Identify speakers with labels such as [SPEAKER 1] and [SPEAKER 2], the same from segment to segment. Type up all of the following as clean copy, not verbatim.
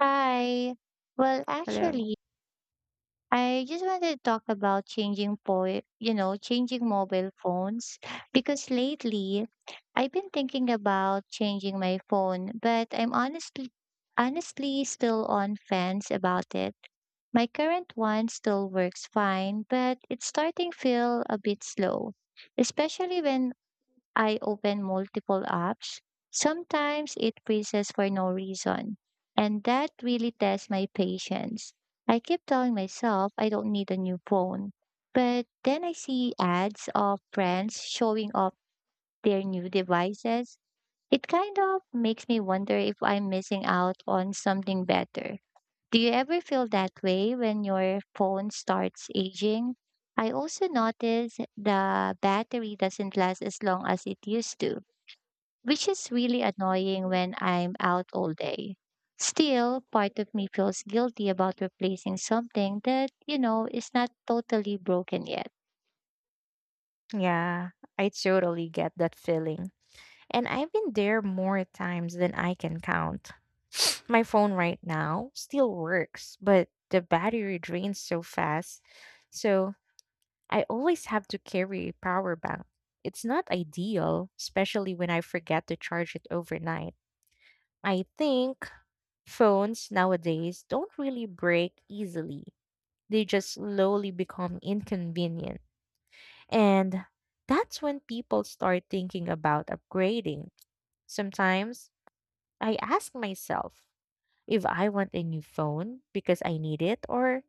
[SPEAKER 1] Hi. Well,
[SPEAKER 2] Hello.
[SPEAKER 1] actually, I just wanted to talk about changing po changing mobile phones because lately I've been thinking about changing my phone, but I'm honestly still on fence about it. My current one still works fine, but it's starting feel a bit slow, especially when I open multiple apps. Sometimes it freezes for no reason, and that really tests my patience. I keep telling myself I don't need a new phone, but then I see ads of friends showing off their new devices. It kind of makes me wonder if I'm missing out on something better. Do you ever feel that way when your phone starts aging? I also notice the battery doesn't last as long as it used to which is really annoying when I'm out all day. Still, part of me feels guilty about replacing something that is not totally broken yet.
[SPEAKER 2] Yeah, I totally get that feeling. And I've been there more times than I can count. My phone right now still works, but the battery drains so fast. So I always have to carry a power bank. It's not ideal, especially when I forget to charge it overnight. I think phones nowadays don't really break easily, they just slowly become inconvenient. And that's when people start thinking about upgrading. Sometimes I ask myself if I want a new phone because I need it or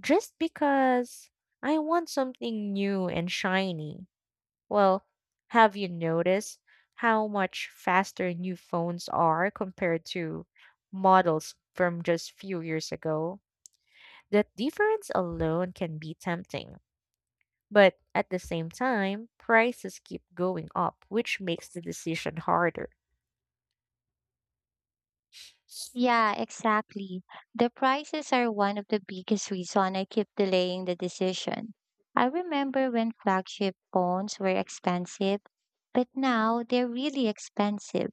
[SPEAKER 2] just because I want something new and shiny. Well, have you noticed how much faster new phones are compared to models from just few years ago? That difference alone can be tempting. But at the same time, prices keep going up, which makes the decision harder.
[SPEAKER 1] Yeah, exactly. The prices are one of the biggest reason I keep delaying the decision. I remember when flagship phones were expensive, but now they're really expensive.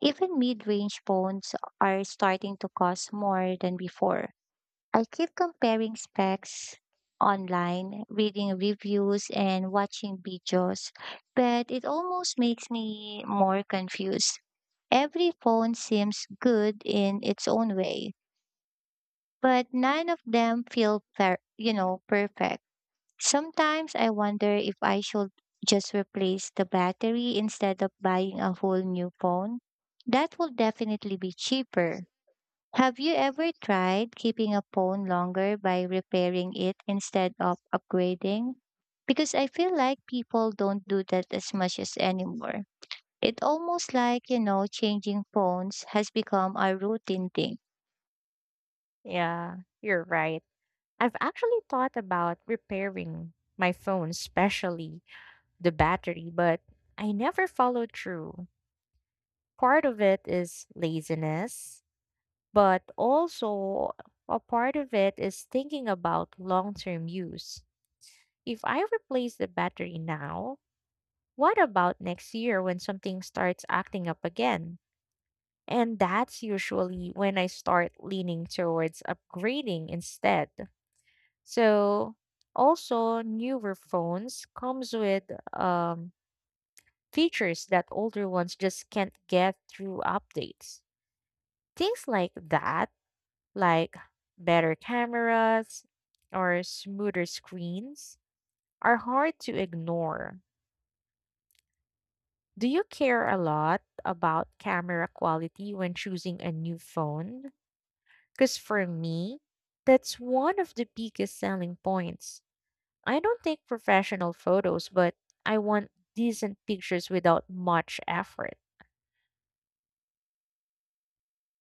[SPEAKER 1] Even mid-range phones are starting to cost more than before. I keep comparing specs online, reading reviews, and watching videos, but it almost makes me more confused. Every phone seems good in its own way, but none of them feel perfect. Sometimes I wonder if I should just replace the battery instead of buying a whole new phone. That will definitely be cheaper. Have you ever tried keeping a phone longer by repairing it instead of upgrading? Because I feel like people don't do that as much as anymore. It almost like, changing phones has become a routine thing.
[SPEAKER 2] Yeah, you're right. I've actually thought about repairing my phone, especially the battery, but I never followed through. Part of it is laziness, but also a part of it is thinking about long term use. If I replace the battery now, what about next year when something starts acting up again? And that's usually when I start leaning towards upgrading instead. So also newer phones comes with um, features that older ones just can't get through updates. Things like that, like better cameras or smoother screens, are hard to ignore. Do you care a lot about camera quality when choosing a new phone? Because for me, that's one of the biggest selling points. I don't take professional photos, but I want decent pictures without much effort.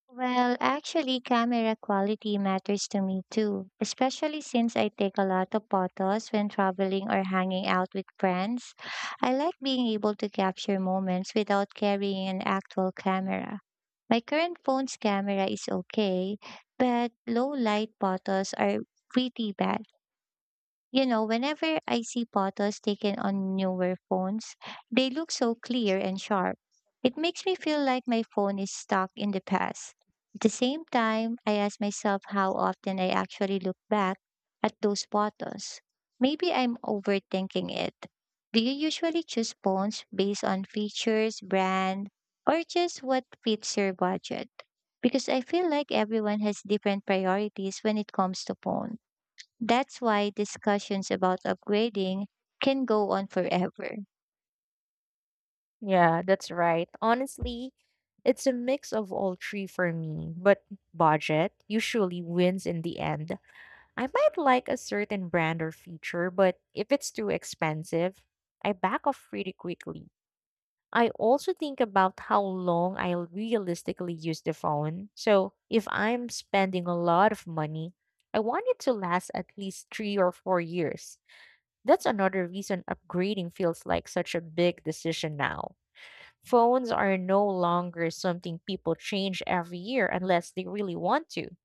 [SPEAKER 1] Well, actually, camera quality matters to me too, especially since I take a lot of photos when traveling or hanging out with friends. I like being able to capture moments without carrying an actual camera. My current phone's camera is okay, but low light photos are pretty bad. Whenever I see photos taken on newer phones, they look so clear and sharp. It makes me feel like my phone is stuck in the past. At the same time, I ask myself how often I actually look back at those photos. Maybe I'm overthinking it. Do you usually choose phones based on features, brand, or just what fits your budget? Because I feel like everyone has different priorities when it comes to phones. That's why discussions about upgrading can go on forever.
[SPEAKER 2] Yeah, that's right. Honestly, it's a mix of all three for me, but budget usually wins in the end. I might like a certain brand or feature, but if it's too expensive, I back off pretty quickly. I also think about how long I'll realistically use the phone. So if I'm spending a lot of money, I want it to last at least 3 or 4 years. That's another reason upgrading feels like such a big decision now. Phones are no longer something people change every year unless they really want to.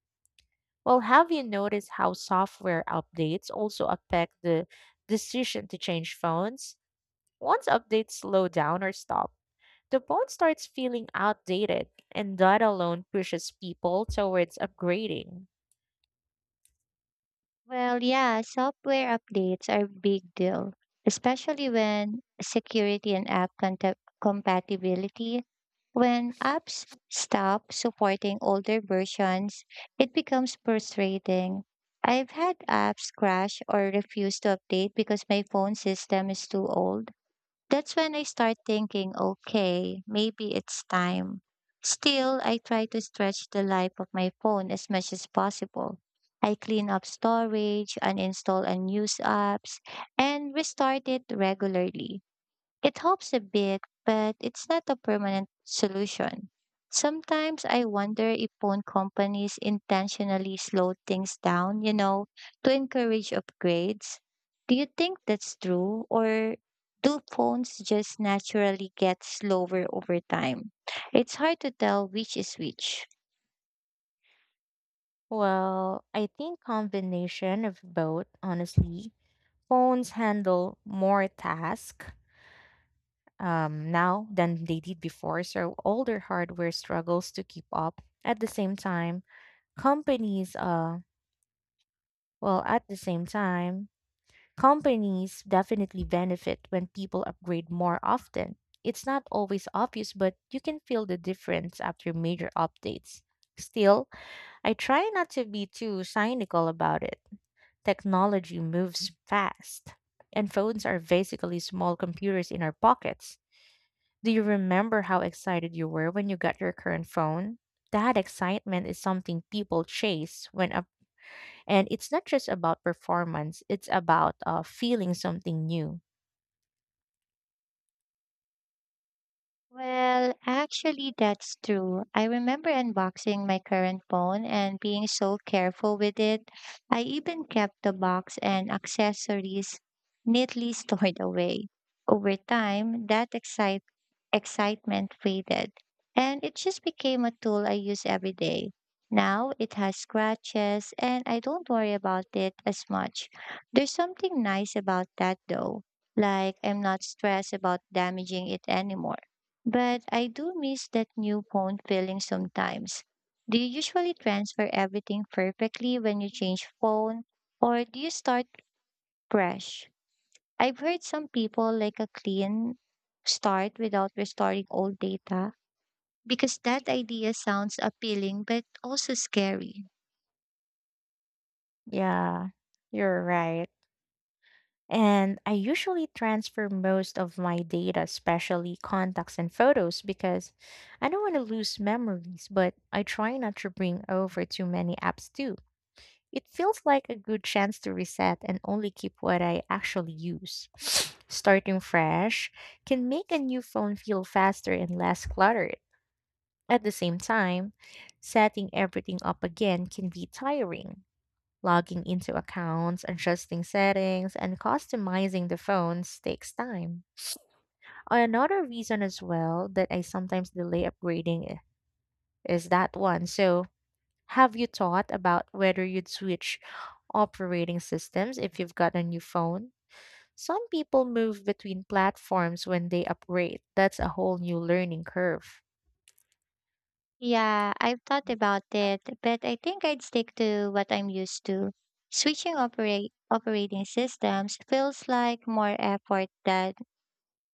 [SPEAKER 2] Well, have you noticed how software updates also affect the decision to change phones? Once updates slow down or stop, the phone starts feeling outdated, and that alone pushes people towards upgrading.
[SPEAKER 1] Well, yeah, software updates are a big deal, especially when security and app compatibility. When apps stop supporting older versions, it becomes frustrating. I've had apps crash or refuse to update because my phone system is too old. That's when I start thinking, okay, maybe it's time. Still, I try to stretch the life of my phone as much as possible. I clean up storage, uninstall unused apps, and restart it regularly. It helps a bit, but it's not a permanent solution. Sometimes I wonder if phone companies intentionally slow things down, to encourage upgrades. Do you think that's true? Or do phones just naturally get slower over time? It's hard to tell which is which.
[SPEAKER 2] Well, I think combination of both, honestly. Phones handle more tasks now than they did before, so older hardware struggles to keep up. At the same time, companies, uh, well, at the same time, Companies definitely benefit when people upgrade more often. It's not always obvious, but you can feel the difference after major updates. Still, I try not to be too cynical about it. Technology moves fast, and phones are basically small computers in our pockets. Do you remember how excited you were when you got your current phone? That excitement is something people chase and it's not just about performance, it's about feeling something new.
[SPEAKER 1] Well, actually, that's true. I remember unboxing my current phone and being so careful with it. I even kept the box and accessories neatly stored away. Over time, that excitement faded, and it just became a tool I use every day. Now it has scratches, and I don't worry about it as much. There's something nice about that though, like I'm not stressed about damaging it anymore. But I do miss that new phone feeling sometimes. Do you usually transfer everything perfectly when you change phone, or do you start fresh? I've heard some people like a clean start without restoring old data because that idea sounds appealing but also scary.
[SPEAKER 2] Yeah, you're right. And I usually transfer most of my data, especially contacts and photos, because I don't want to lose memories, but I try not to bring over too many apps too. It feels like a good chance to reset and only keep what I actually use. Starting fresh can make a new phone feel faster and less cluttered. At the same time, setting everything up again can be tiring. Logging into accounts, adjusting settings, and customizing the phones takes time. Another reason as well that I sometimes delay upgrading is that one. So, have you thought about whether you'd switch operating systems if you've got a new phone? Some people move between platforms when they upgrade. That's a whole new learning curve.
[SPEAKER 1] Yeah, I've thought about it, but I think I'd stick to what I'm used to. Switching operate operating systems feels like more effort than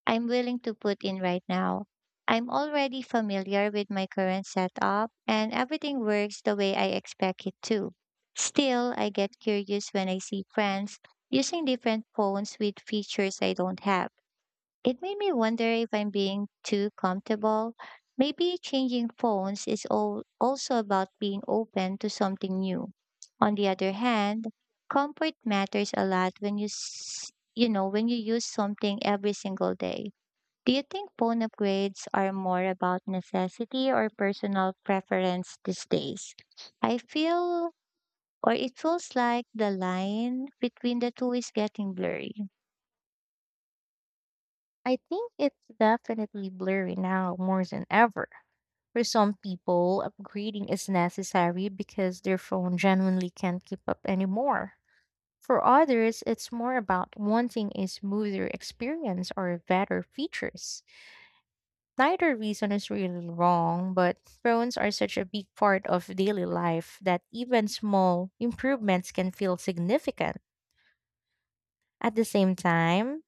[SPEAKER 1] I'm willing to put in right now. I'm already familiar with my current setup and everything works the way I expect it to. Still, I get curious when I see friends using different phones with features I don't have. It made me wonder if I'm being too comfortable. Maybe changing phones is all also about being open to something new. On the other hand, comfort matters a lot when you s- you know when you use something every single day. Do you think phone upgrades are more about necessity or personal preference these days? I feel, or it feels like the line between the two is getting blurry.
[SPEAKER 2] I think it's definitely blurry now more than ever. For some people, upgrading is necessary because their phone genuinely can't keep up anymore. For others, it's more about wanting a smoother experience or better features. Neither reason is really wrong, but phones are such a big part of daily life that even small improvements can feel significant. At the same time,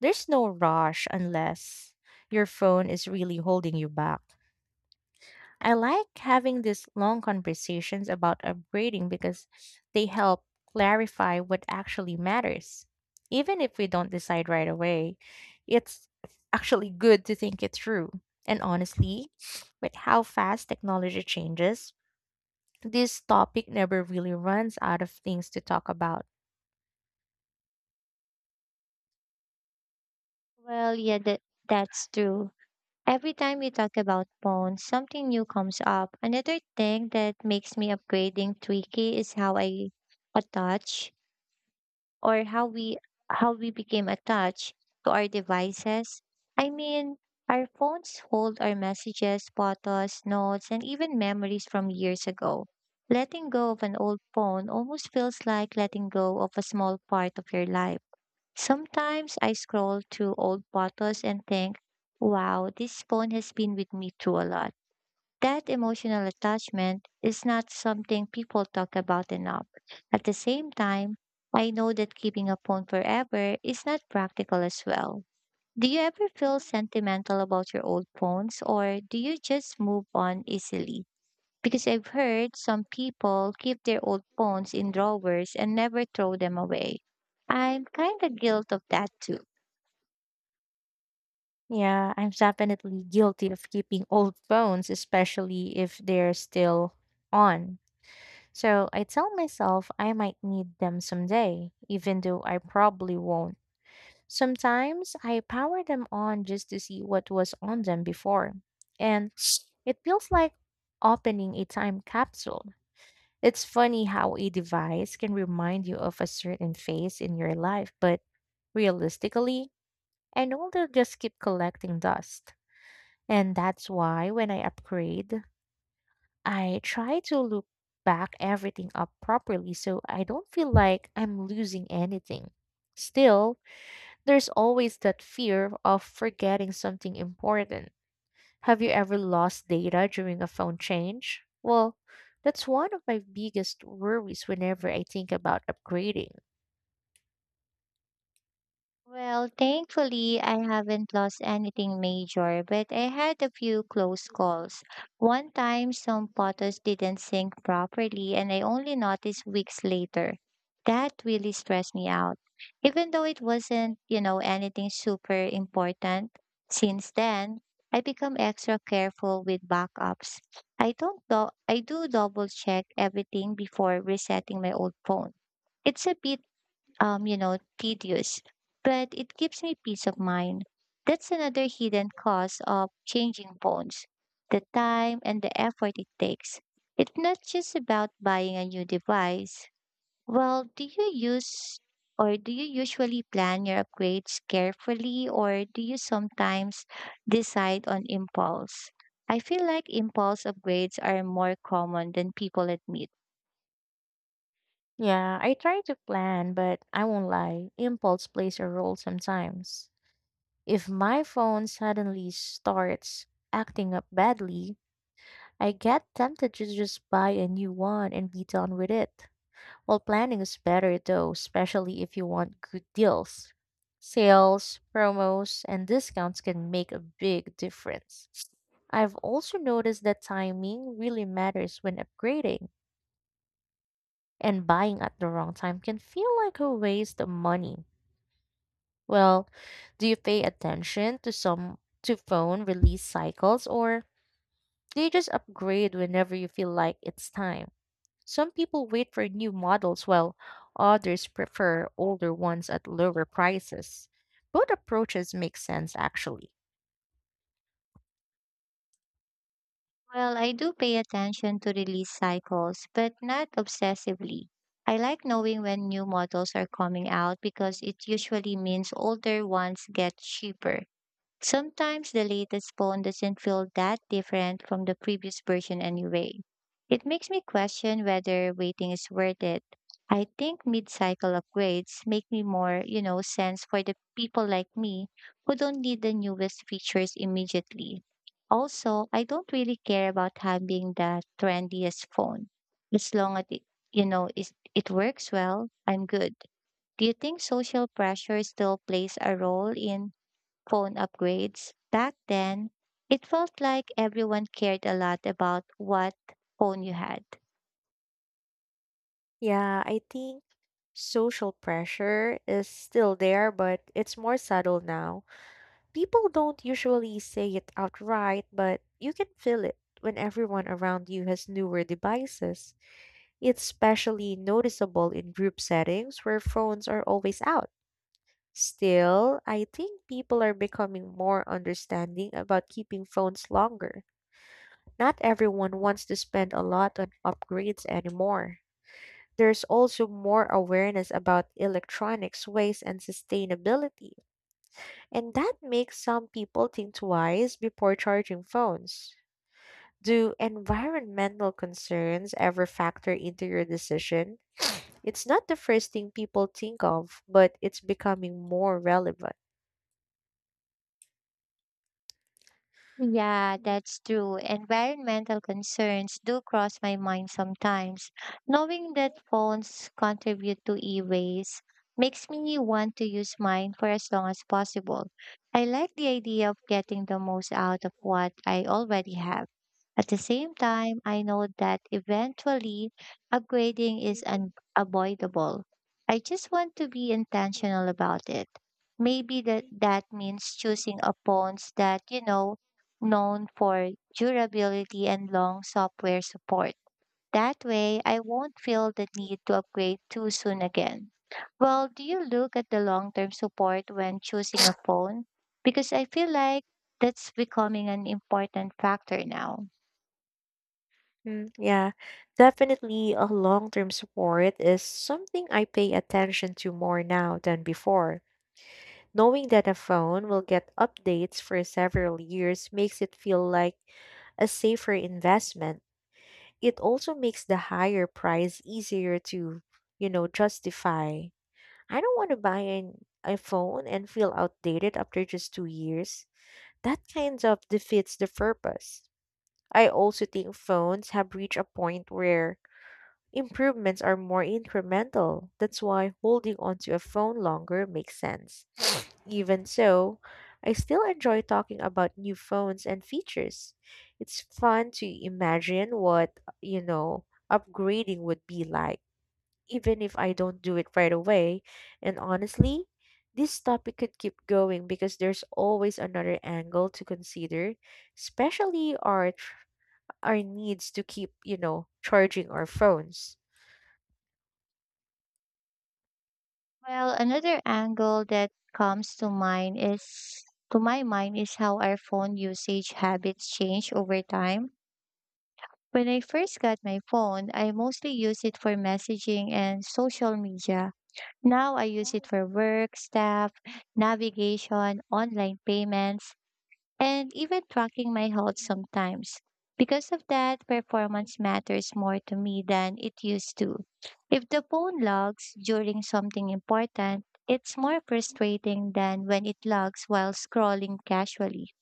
[SPEAKER 2] there's no rush unless your phone is really holding you back. I like having these long conversations about upgrading because they help clarify what actually matters. Even if we don't decide right away, it's actually good to think it through. And honestly, with how fast technology changes, this topic never really runs out of things to talk about.
[SPEAKER 1] Well, yeah, that's true. Every time we talk about phones, something new comes up. Another thing that makes me upgrading tricky is how I attach or how we became attached to our devices. I mean, our phones hold our messages, photos, notes, and even memories from years ago. Letting go of an old phone almost feels like letting go of a small part of your life. Sometimes I scroll through old photos and think, wow, this phone has been with me through a lot. That emotional attachment is not something people talk about enough. At the same time, I know that keeping a phone forever is not practical as well. Do you ever feel sentimental about your old phones or do you just move on easily? Because I've heard some people keep their old phones in drawers and never throw them away. I'm kind of guilt of that too.
[SPEAKER 2] Yeah, I'm definitely guilty of keeping old phones, especially if they're still on. So I tell myself I might need them someday, even though I probably won't. Sometimes I power them on just to see what was on them before. And it feels like opening a time capsule. It's funny how a device can remind you of a certain phase in your life, but realistically, I know they'll just keep collecting dust. And that's why when I upgrade, I try to look back everything up properly so I don't feel like I'm losing anything. Still, there's always that fear of forgetting something important. Have you ever lost data during a phone change? Well, that's one of my biggest worries whenever I think about upgrading.
[SPEAKER 1] Well, thankfully, I haven't lost anything major, but I had a few close calls. One time, some photos didn't sync properly, and I only noticed weeks later. That really stressed me out. Even though it wasn't anything super important, since then, I become extra careful with backups. I don't do I do double check everything before resetting my old phone. It's a bit tedious, but it gives me peace of mind. That's another hidden cost of changing phones the time and the effort it takes. It's not just about buying a new device. Well, do you usually plan your upgrades carefully or do you sometimes decide on impulse? I feel like impulse upgrades are more common than people admit.
[SPEAKER 2] Yeah, I try to plan, but I won't lie, impulse plays a role sometimes. If my phone suddenly starts acting up badly, I get tempted to just buy a new one and be done with it. Well, planning is better though, especially if you want good deals. Sales, promos, and discounts can make a big difference. I've also noticed that timing really matters when upgrading, and buying at the wrong time can feel like a waste of money. Well, do you pay attention to some to phone release cycles or do you just upgrade whenever you feel like it's time? Some people wait for new models while others prefer older ones at lower prices. Both approaches make sense actually.
[SPEAKER 1] Well, I do pay attention to release cycles, but not obsessively. I like knowing when new models are coming out because it usually means older ones get cheaper. Sometimes the latest phone doesn't feel that different from the previous version anyway. It makes me question whether waiting is worth it. I think mid-cycle upgrades make me more, sense for the people like me who don't need the newest features immediately. Also, I don't really care about having the trendiest phone. As long as it, you know, it works well, I'm good. Do you think social pressure still plays a role in phone upgrades. Back then, it felt like everyone cared a lot about what phone you had.
[SPEAKER 2] Yeah, I think social pressure is still there, but it's more subtle now. People don't usually say it outright, but you can feel it when everyone around you has newer devices. It's especially noticeable in group settings where phones are always out. Still, I think people are becoming more understanding about keeping phones longer. Not everyone wants to spend a lot on upgrades anymore. There's also more awareness about electronics waste and sustainability, and that makes some people think twice before charging phones. Do environmental concerns ever factor into your decision? It's not the first thing people think of, but it's becoming more relevant.
[SPEAKER 1] Yeah, that's true. Environmental concerns do cross my mind sometimes. Knowing that phones contribute to e-waste makes me want to use mine for as long as possible. I like the idea of getting the most out of what I already have. At the same time, I know that eventually upgrading is unavoidable. I just want to be intentional about it. Maybe that means choosing a phones that, known for durability and long software support. That way, I won't feel the need to upgrade too soon again. Well, do you look at the long term support when choosing a phone? Because I feel like that's becoming an important factor now.
[SPEAKER 2] Mm, yeah, definitely a long term support is something I pay attention to more now than before. Knowing that a phone will get updates for several years makes it feel like a safer investment. It also makes the higher price easier to, you know, justify. I don't want to buy a phone and feel outdated after just 2 years. That kind of defeats the purpose. I also think phones have reached a point where improvements are more incremental. That's why holding onto a phone longer makes sense. Even so, I still enjoy talking about new phones and features. It's fun to imagine what, you know, upgrading would be like even if I don't do it right away. And honestly, this topic could keep going because there's always another angle to consider, especially our needs to keep, you know, charging our phones.
[SPEAKER 1] Well, another angle that comes to mind is to my mind is how our phone usage habits change over time. When I first got my phone, I mostly used it for messaging and social media. Now I use it for work, staff, navigation, online payments, and even tracking my health sometimes. Because of that, performance matters more to me than it used to. If the phone logs during something important, it's more frustrating than when it logs while scrolling casually.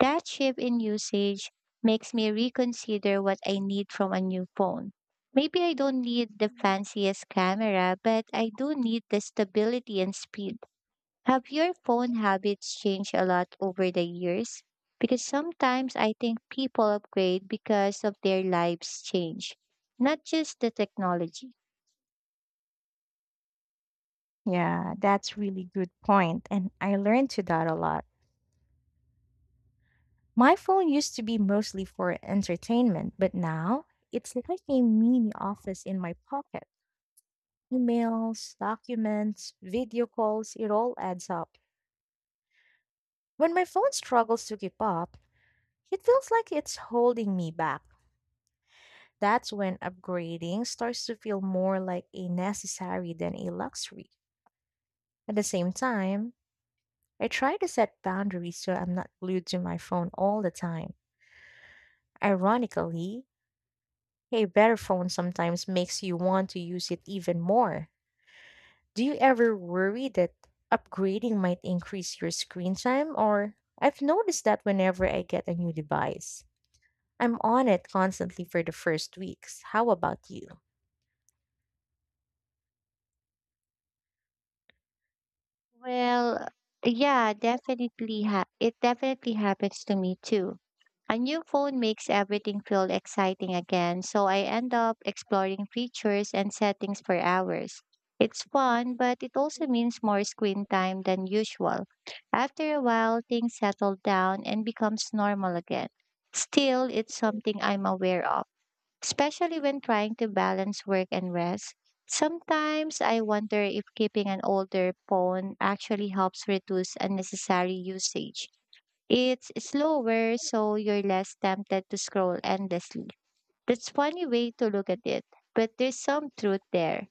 [SPEAKER 1] That shift in usage makes me reconsider what I need from a new phone. Maybe I don't need the fanciest camera, but I do need the stability and speed. Have your phone habits changed a lot over the years? Because sometimes I think people upgrade because of their lives change, not just the technology.
[SPEAKER 2] Yeah, that's really good point, and I learned to that a lot. My phone used to be mostly for entertainment, but now it's like a mini office in my pocket. Emails, documents, video calls, it all adds up. When my phone struggles to keep up, it feels like it's holding me back. That's when upgrading starts to feel more like a necessary than a luxury. At the same time, I try to set boundaries so I'm not glued to my phone all the time. Ironically, a better phone sometimes makes you want to use it even more. Do you ever worry that upgrading might increase your screen time? Or I've noticed that whenever I get a new device. I'm on it constantly for the first weeks. How about you?
[SPEAKER 1] Well, yeah, it definitely happens to me too. A new phone makes everything feel exciting again, so I end up exploring features and settings for hours. It's fun, but it also means more screen time than usual. After a while, things settle down and becomes normal again. Still, it's something I'm aware of especially when trying to balance work and rest. Sometimes I wonder if keeping an older phone actually helps reduce unnecessary usage. It's slower, so you're less tempted to scroll endlessly. That's funny way to look at it, but there's some truth there.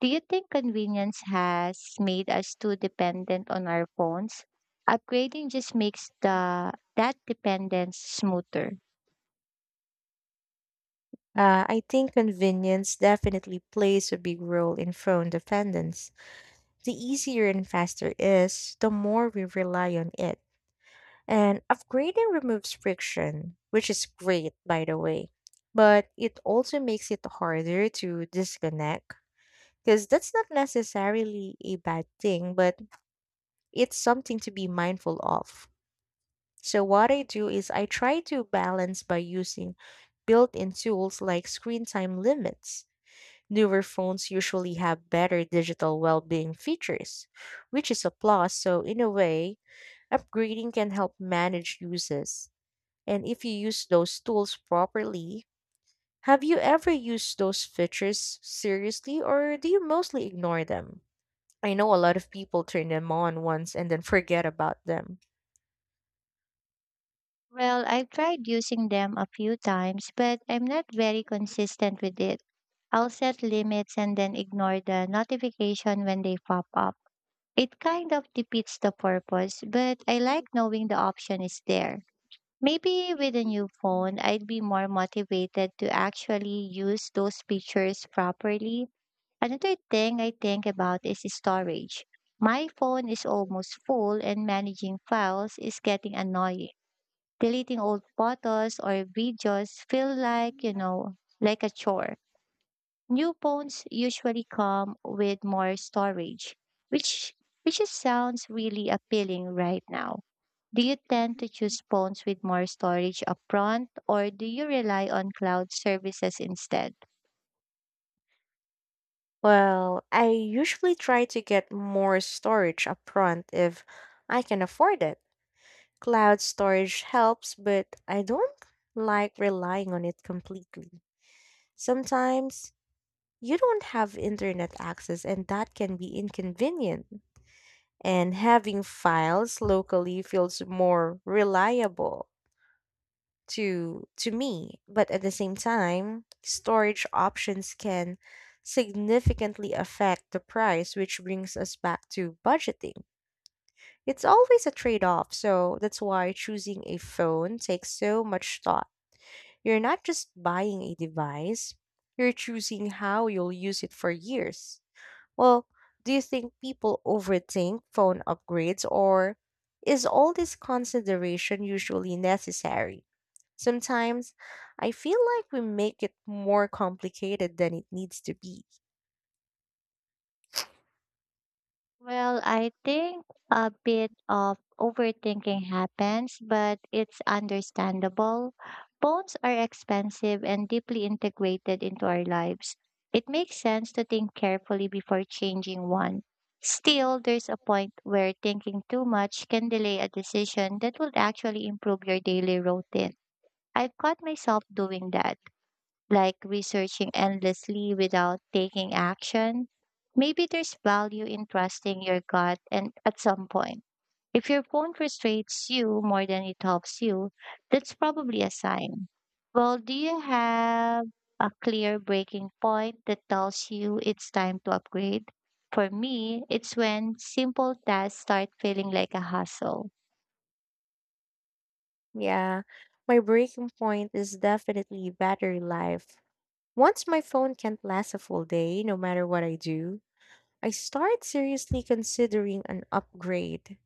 [SPEAKER 1] Do you think convenience has made us too dependent on our phones? Upgrading just makes the that dependence smoother.
[SPEAKER 2] I think convenience definitely plays a big role in phone dependence. The easier and faster is, the more we rely on it. And upgrading removes friction, which is great, by the way. But it also makes it harder to disconnect, because that's not necessarily a bad thing, but it's something to be mindful of. So, what I do is I try to balance by using built in tools like screen time limits. Newer phones usually have better digital well being features, which is a plus. So, in a way, upgrading can help manage uses. And if you use those tools properly, have you ever used those features seriously or do you mostly ignore them? I know a lot of people turn them on once and then forget about them.
[SPEAKER 1] Well, I've tried using them a few times, but I'm not very consistent with it. I'll set limits and then ignore the notification when they pop up. It kind of defeats the purpose, but I like knowing the option is there. Maybe with a new phone, I'd be more motivated to actually use those features properly. Another thing I think about is storage. My phone is almost full, and managing files is getting annoying. Deleting old photos or videos feel like, like a chore. New phones usually come with more storage, which which just sounds really appealing right now. Do you tend to choose phones with more storage upfront or do you rely on cloud services instead?
[SPEAKER 2] Well, I usually try to get more storage upfront if I can afford it. Cloud storage helps, but I don't like relying on it completely. Sometimes you don't have internet access, and that can be inconvenient. And having files locally feels more reliable to me, but at the same time storage options can significantly affect the price, which brings us back to budgeting. It's always a trade-off, so that's why choosing a phone takes so much thought. You're not just buying a device, you're choosing how you'll use it for years. Well, do you think people overthink phone upgrades or is all this consideration usually necessary? Sometimes I feel like we make it more complicated than it needs to be.
[SPEAKER 1] Well, I think a bit of overthinking happens, but it's understandable. Phones are expensive and deeply integrated into our lives. It makes sense to think carefully before changing one. Still, there's a point where thinking too much can delay a decision that would actually improve your daily routine. I've caught myself doing that, like researching endlessly without taking action. Maybe there's value in trusting your gut and at some point. If your phone frustrates you more than it helps you, that's probably a sign. Well, do you have a clear breaking point that tells you it's time to upgrade? For me, it's when simple tasks start feeling like a hustle.
[SPEAKER 2] Yeah, my breaking point is definitely battery life. Once my phone can't last a full day, no matter what I do, I start seriously considering an upgrade.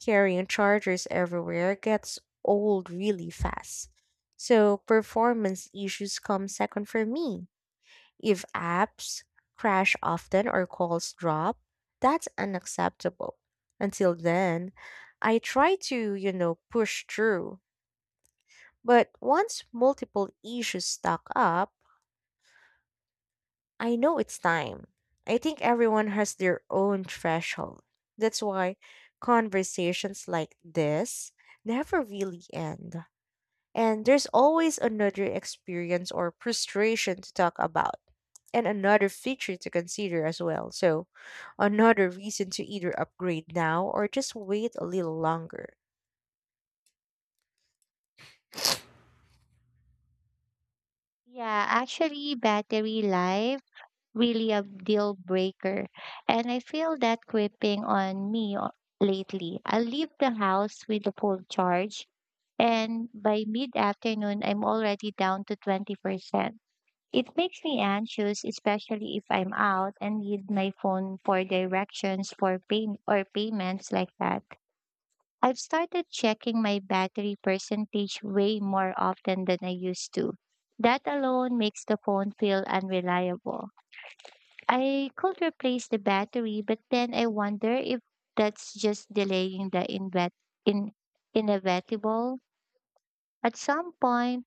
[SPEAKER 2] Carrying chargers everywhere gets old really fast. So performance issues come second for me. If apps crash often or calls drop, that's unacceptable. Until then, I try to, you know, push through. But once multiple issues stack up, I know it's time. I think everyone has their own threshold. That's why conversations like this never really end. And there's always another experience or frustration to talk about, and another feature to consider as well. So, another reason to either upgrade now or just wait a little longer.
[SPEAKER 1] Yeah, actually, battery life. Really a deal breaker. And I feel that creeping on me lately. I leave the house with a full charge, and by mid afternoon, I'm already down to 20%. It makes me anxious, especially if I'm out and need my phone for directions for pay or payments like that. I've started checking my battery percentage way more often than I used to. That alone makes the phone feel unreliable. I could replace the battery, but then I wonder if that's just delaying the invet in inevitable. At some point,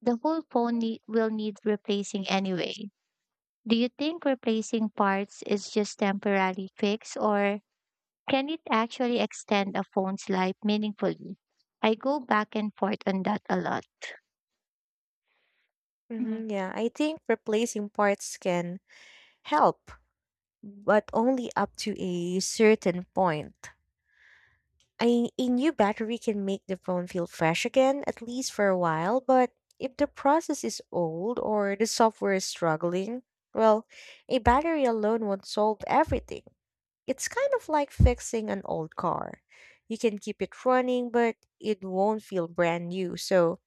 [SPEAKER 1] the whole will need replacing anyway. Do you think replacing parts is just temporary fix or can it actually extend a phone's life meaningfully? I go back and forth on that a lot. Mm.
[SPEAKER 2] Yeah, I think replacing parts can help, but only up to a certain point. A new battery can make the phone feel fresh again, at least for a while, but if the process is old or the software is struggling, well, a battery alone won't solve everything. It's kind of like fixing an old car. You can keep it running, but it won't feel brand new. So,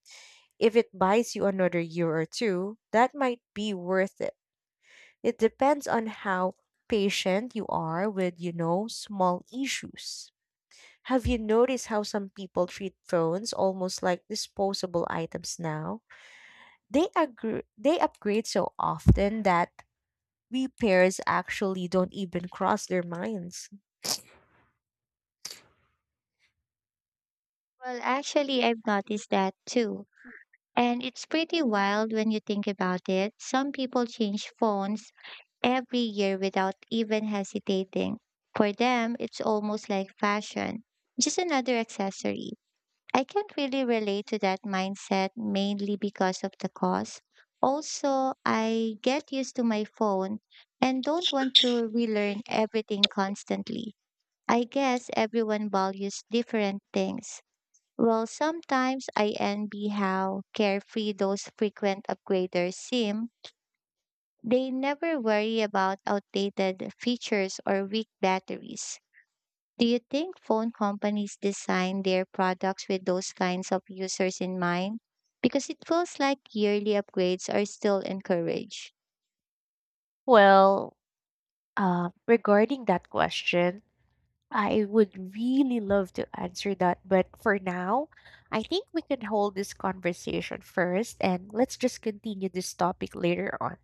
[SPEAKER 2] if it buys you another year or two, that might be worth it. It depends on how patient you are with, you know, small issues. Have you noticed how some people treat phones almost like disposable items now? They upgrade so often that repairs actually don't even cross their minds.
[SPEAKER 1] Well, actually, I've noticed that too. And it's pretty wild when you think about it. Some people change phones every year without even hesitating. For them, it's almost like fashion, just another accessory. I can't really relate to that mindset mainly because of the cost. Also, I get used to my phone and don't want to relearn everything constantly. I guess everyone values different things. Well, sometimes I envy how carefree those frequent upgraders seem. They never worry about outdated features or weak batteries. Do you think phone companies design their products with those kinds of users in mind? Because it feels like yearly upgrades are still encouraged.
[SPEAKER 2] Well, regarding that question, I would really love to answer that, but for now, I think we can hold this conversation first and let's just continue this topic later on.